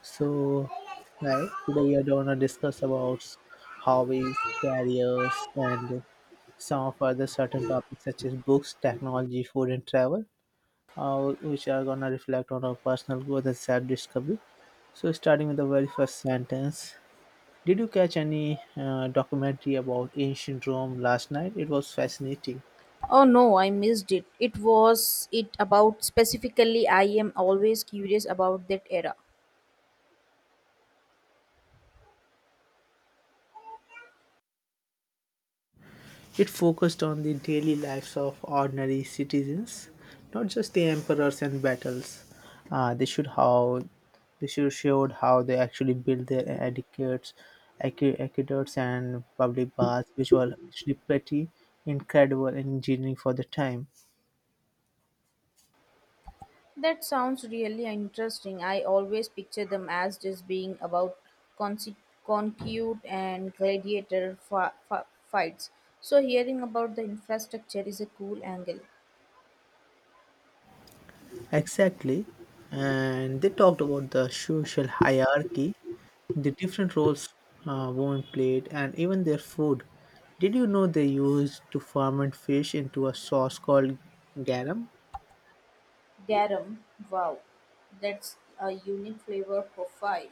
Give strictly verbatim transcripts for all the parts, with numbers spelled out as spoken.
So, hi, today we are going to discuss about hobbies, careers, and some of other certain topics such as books, technology, food, and travel, uh, which are going to reflect on our personal growth and self discovery. So, starting with the very first sentence, did you catch any uh, documentary about ancient Rome last night? It was fascinating. Oh no, I missed it. It was it about specifically? I am always curious about that era. It focused on the daily lives of ordinary citizens, not just the emperors and battles. Uh, they should how they should showed how they actually built their aqueducts, aque- aqueducts and public baths, which were actually pretty incredible engineering for the time. That sounds really interesting. I always picture them as just being about conse- concute and gladiator fa- fa- fights. So hearing about the infrastructure is a cool angle. Exactly. And they talked about the social hierarchy, the different roles uh, women played, and even their food. Did you know they used to ferment fish into a sauce called garum? Garum, wow, that's a unique flavor profile.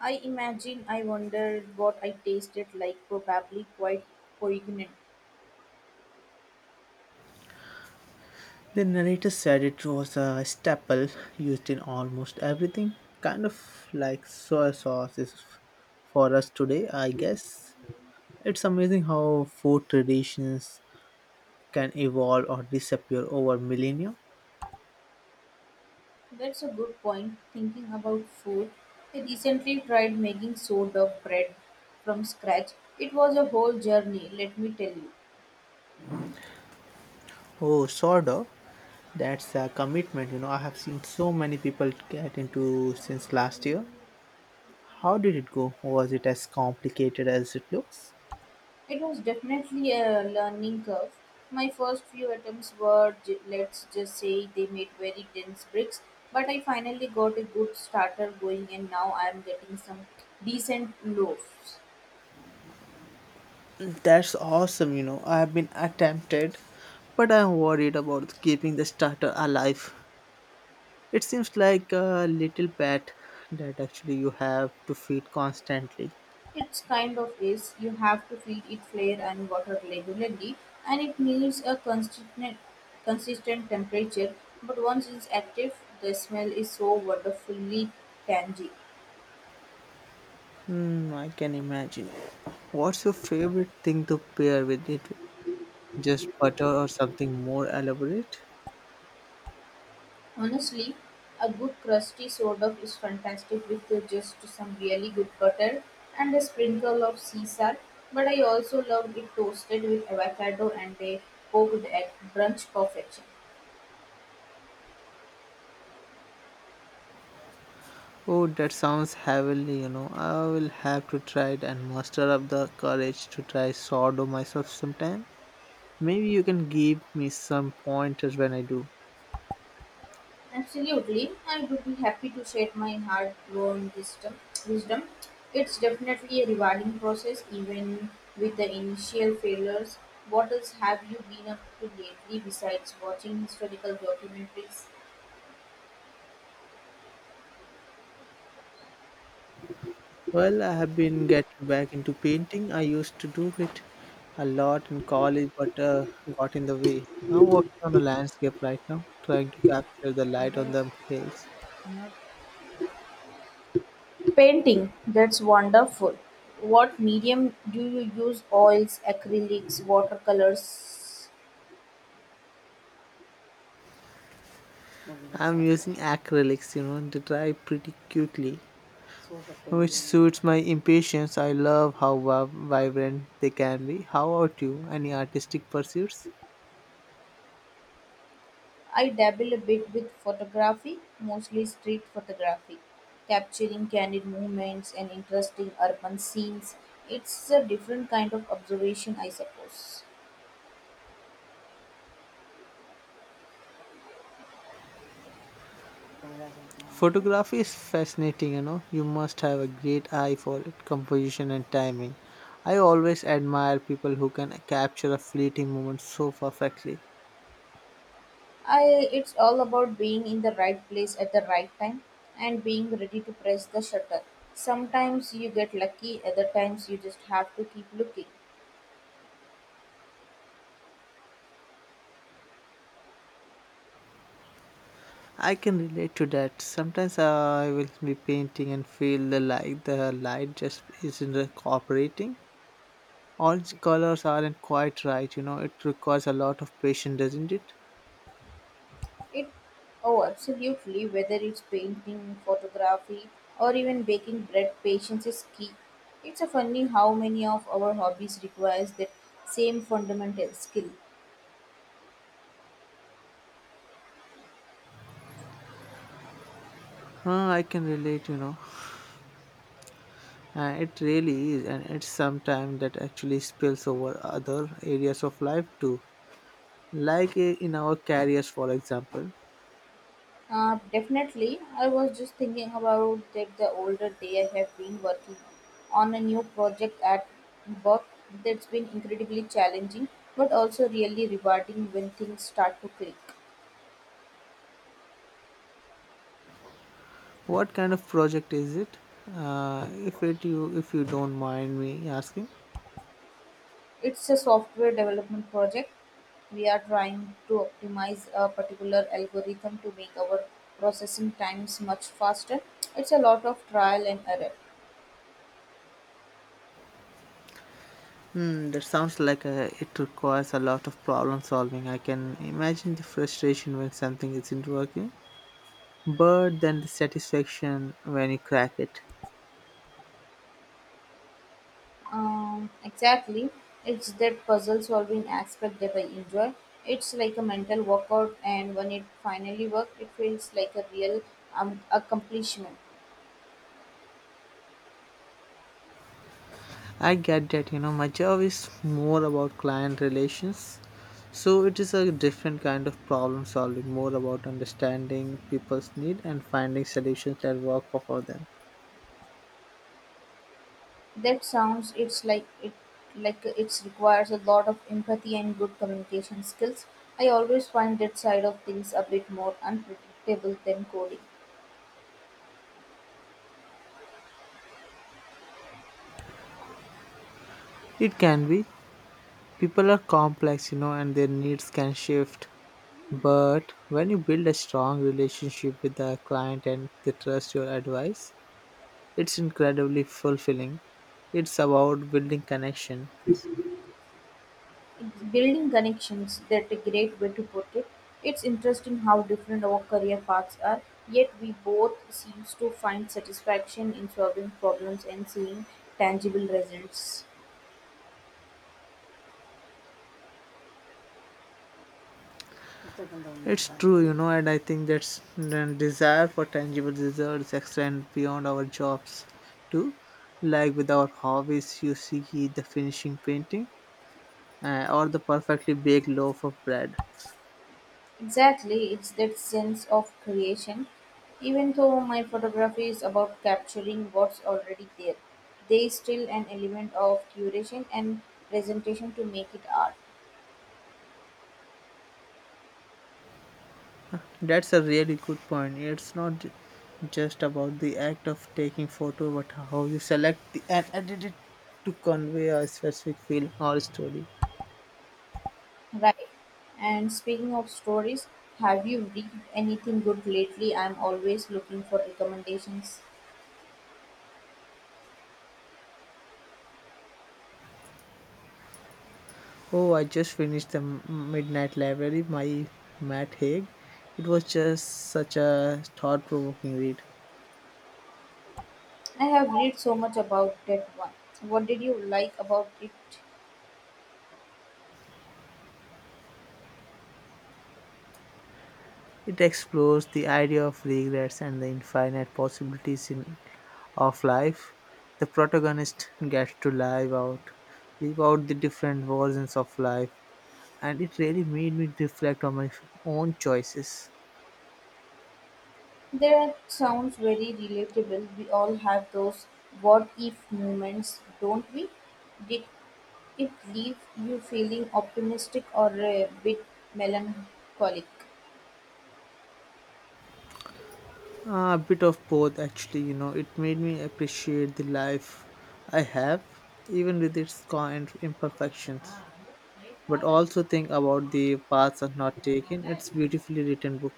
I imagine I wondered what I tasted like, probably quite poignant. The narrator said it was a staple used in almost everything, kind of like soy sauce is for us today, I guess. It's amazing how food traditions can evolve or disappear over millennia. That's a good point. Thinking about food, I recently tried making sourdough bread from scratch. It was a whole journey, let me tell you. Oh, sourdough. That's a commitment. You know, I have seen so many people get into since last year. How did it go? Was it as complicated as it looks? It was definitely a learning curve. My first few attempts were, j- let's just say, they made very dense bricks, but I finally got a good starter going and now I am getting some decent loaves. That's awesome. You know, I have been attempted, but I'm worried about keeping the starter alive. It seems like a little pet that actually you have to feed constantly. It's kind of is. You have to feed it flare and water regularly, and it needs a consistent, consistent temperature. But once it's active, the smell is so wonderfully tangy. Hmm, I can imagine. What's your favorite thing to pair with it? Just butter or something more elaborate? Honestly, a good crusty soda is fantastic with uh, just some really good butter and a sprinkle of sea salt. But I also love it toasted with avocado and a poached egg, brunch perfection. Oh, that sounds heavenly, you know. I will have to try it and muster up the courage to try sourdough myself sometime. Maybe you can give me some pointers when I do. Absolutely, I would be happy to share my hard-won wisdom. Wisdom, it's definitely a rewarding process, even with the initial failures. What else have you been up to lately besides watching historical documentaries? Well, I have been getting back into painting. I used to do it a lot in college, but uh, got in the way. I'm working on a landscape right now, trying to capture the light on the hills. Painting, that's wonderful. What medium do you use? Oils, acrylics, watercolors? I'm using acrylics, you know, to dry pretty quickly, which suits my impatience. I love how va- vibrant they can be. How about you? Any artistic pursuits? I dabble a bit with photography, mostly street photography, capturing candid moments and interesting urban scenes. It's a different kind of observation, I suppose. Photography is fascinating, you know. You must have a great eye for it, composition and timing. I always admire people who can capture a fleeting moment so perfectly. I It's all about being in the right place at the right time and being ready to press the shutter. Sometimes you get lucky, other times you just have to keep looking. I can relate to that. Sometimes I will be painting and feel the light, the light just isn't cooperating. All the colors aren't quite right, you know. It requires a lot of patience, doesn't it? It Oh absolutely, whether it's painting, photography or even baking bread, patience is key. It's a funny how many of our hobbies requires that same fundamental skill. Huh, I can relate, you know. Uh, it really is, and it's sometimes that actually spills over other areas of life too. Like uh, in our careers, for example. Uh, definitely, I was just thinking about that the older day. I have been working on a new project at work that's been incredibly challenging but also really rewarding when things start to click. What kind of project is it? Uh, if it you, if you don't mind me asking. It's a software development project. We are trying to optimize a particular algorithm to make our processing times much faster. It's a lot of trial and error. Hmm, that sounds like uh it requires a lot of problem solving. I can imagine the frustration when something isn't working, but then the satisfaction when you crack it. Um, exactly. It's that puzzle solving aspect that I enjoy. It's like a mental workout, and when it finally works, it feels like a real um, accomplishment. I get that, you know, my job is more about client relations. So it is a different kind of problem solving, more about understanding people's need and finding solutions that work for them. That sounds it's like it Like it requires a lot of empathy and good communication skills. I always find that side of things a bit more unpredictable than coding. It can be. People are complex, you know, and their needs can shift. But when you build a strong relationship with the client and they trust your advice, it's incredibly fulfilling. It's about building connection. It's building connections, that's a great way to put it. It's interesting how different our career paths are, yet we both seems to find satisfaction in solving problems and seeing tangible results. It's true, you know, and I think that's the desire for tangible results extend beyond our jobs too. Like with our hobbies, you see the finishing painting uh, or the perfectly baked loaf of bread. Exactly, it's that sense of creation. Even though my photography is about capturing what's already there, there is still an element of curation and presentation to make it art. That's a really good point. It's not j- just about the act of taking photo, but how you select the, and edit it to convey a specific feeling or story. Right. And speaking of stories, have you read anything good lately? I'm always looking for recommendations. Oh, I just finished the M- Midnight Library by Matt Haig. It was just such a thought provoking read. I have read so much about that one. What did you like about it? It explores the idea of regrets and the infinite possibilities in, of life. The protagonist gets to live out, live out the different versions of life, and it really made me reflect on my own choices. That sounds very relatable. We all have those what if moments, don't we? Did it leave you feeling optimistic or a bit melancholic? Uh, a bit of both, actually. You know, it made me appreciate the life I have, even with its current imperfections. But also think about the paths are not taken. It's beautifully written book.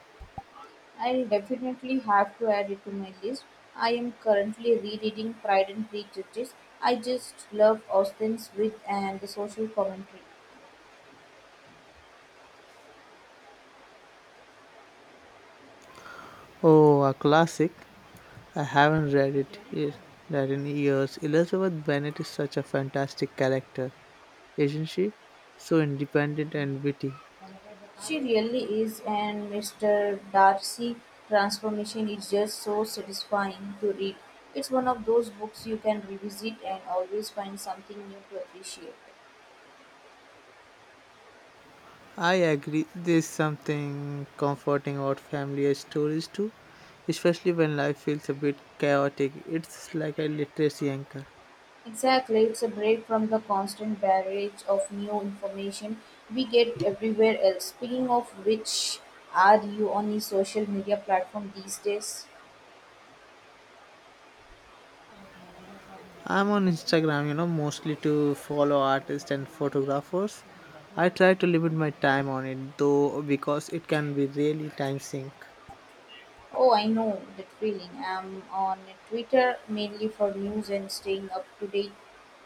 I'll definitely have to add it to my list. I am currently rereading Pride and Prejudice. I just love Austen's wit and the social commentary. Oh, a classic. I haven't read it yet, read in years. Elizabeth Bennet is such a fantastic character, isn't she? So independent and witty. She really is, and Mister Darcy transformation is just so satisfying to read. It's one of those books you can revisit and always find something new to appreciate. I agree. There's something comforting about familiar stories too, especially when life feels a bit chaotic. It's like a literacy anchor. Exactly, it's a break from the constant barrage of new information we get everywhere else. Speaking of which, are you on the social media platform these days? I'm on Instagram, you know, mostly to follow artists and photographers. I try to limit my time on it though because it can be really time sink. Oh, I know that feeling. I'm on Twitter mainly for news and staying up to date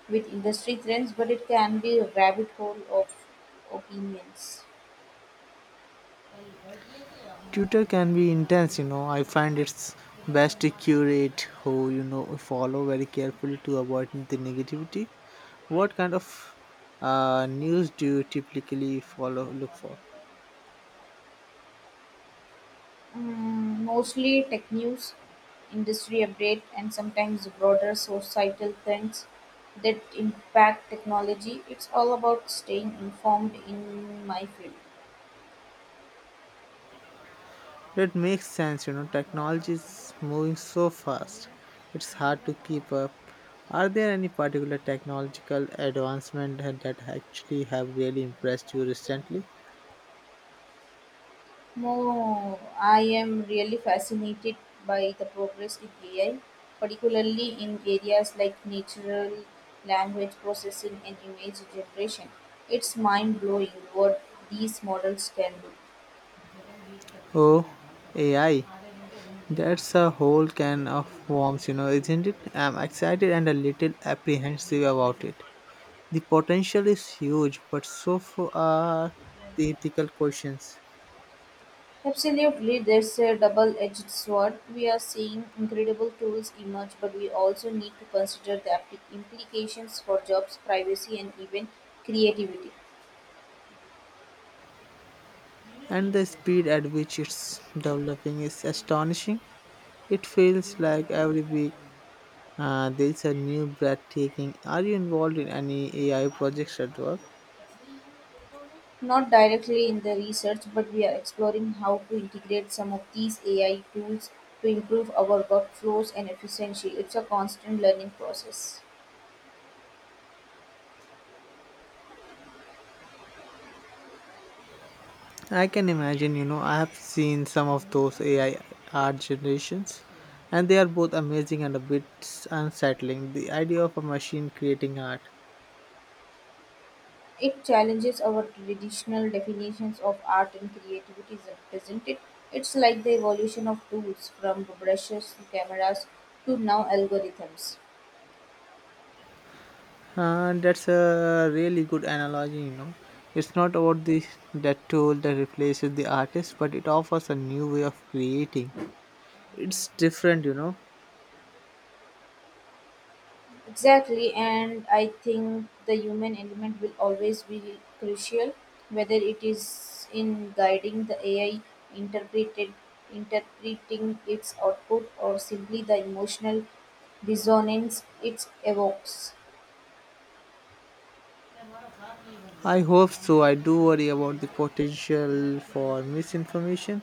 with industry trends, but it can be a rabbit hole of opinions. Tutor can be intense, you know. I find it's best to curate who you know follow very carefully to avoid the negativity. What kind of uh, news do you typically follow look for? Mm, mostly tech news, industry update, and sometimes broader societal trends that impact technology. It's all about staying informed in my field. That makes sense, you know. Technology is moving so fast; it's hard to keep up. Are there any particular technological advancement that that actually have really impressed you recently? No, I am really fascinated by the progress in A I, particularly in areas like natural language processing and image generation. It's mind blowing what these models can do. Oh, A I. That's a whole can of worms, you know, isn't it? I'm excited and a little apprehensive about it. The potential is huge, but so far are the ethical questions. Absolutely, there's a double edged sword. We are seeing incredible tools emerge, but we also need to consider the applic- implications for jobs, privacy, and even creativity. And the speed at which it's developing is astonishing. It feels like every week uh, there's a new breathtaking. Are you involved in any A I projects at work? Not directly in the research, but we are exploring how to integrate some of these A I tools to improve our workflows and efficiency. It's a constant learning process. I can imagine, you know, I have seen some of those A I art generations, and they are both amazing and a bit unsettling. The idea of a machine creating art. It challenges our traditional definitions of art and creativity, isn't it? It's like the evolution of tools from brushes to cameras to now algorithms. Uh, that's a really good analogy, you know. It's not about the that tool that replaces the artist, but it offers a new way of creating. It's different, you know. Exactly, and I think the human element will always be crucial, whether it is in guiding the A I, interpreted, interpreting its output, or simply the emotional dissonance it evokes. I hope so. I do worry about the potential for misinformation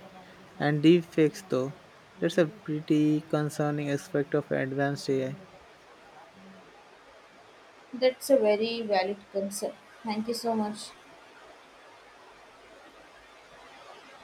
and deepfakes, though. That's a pretty concerning aspect of advanced A I. That's a very valid concern. Thank you so much.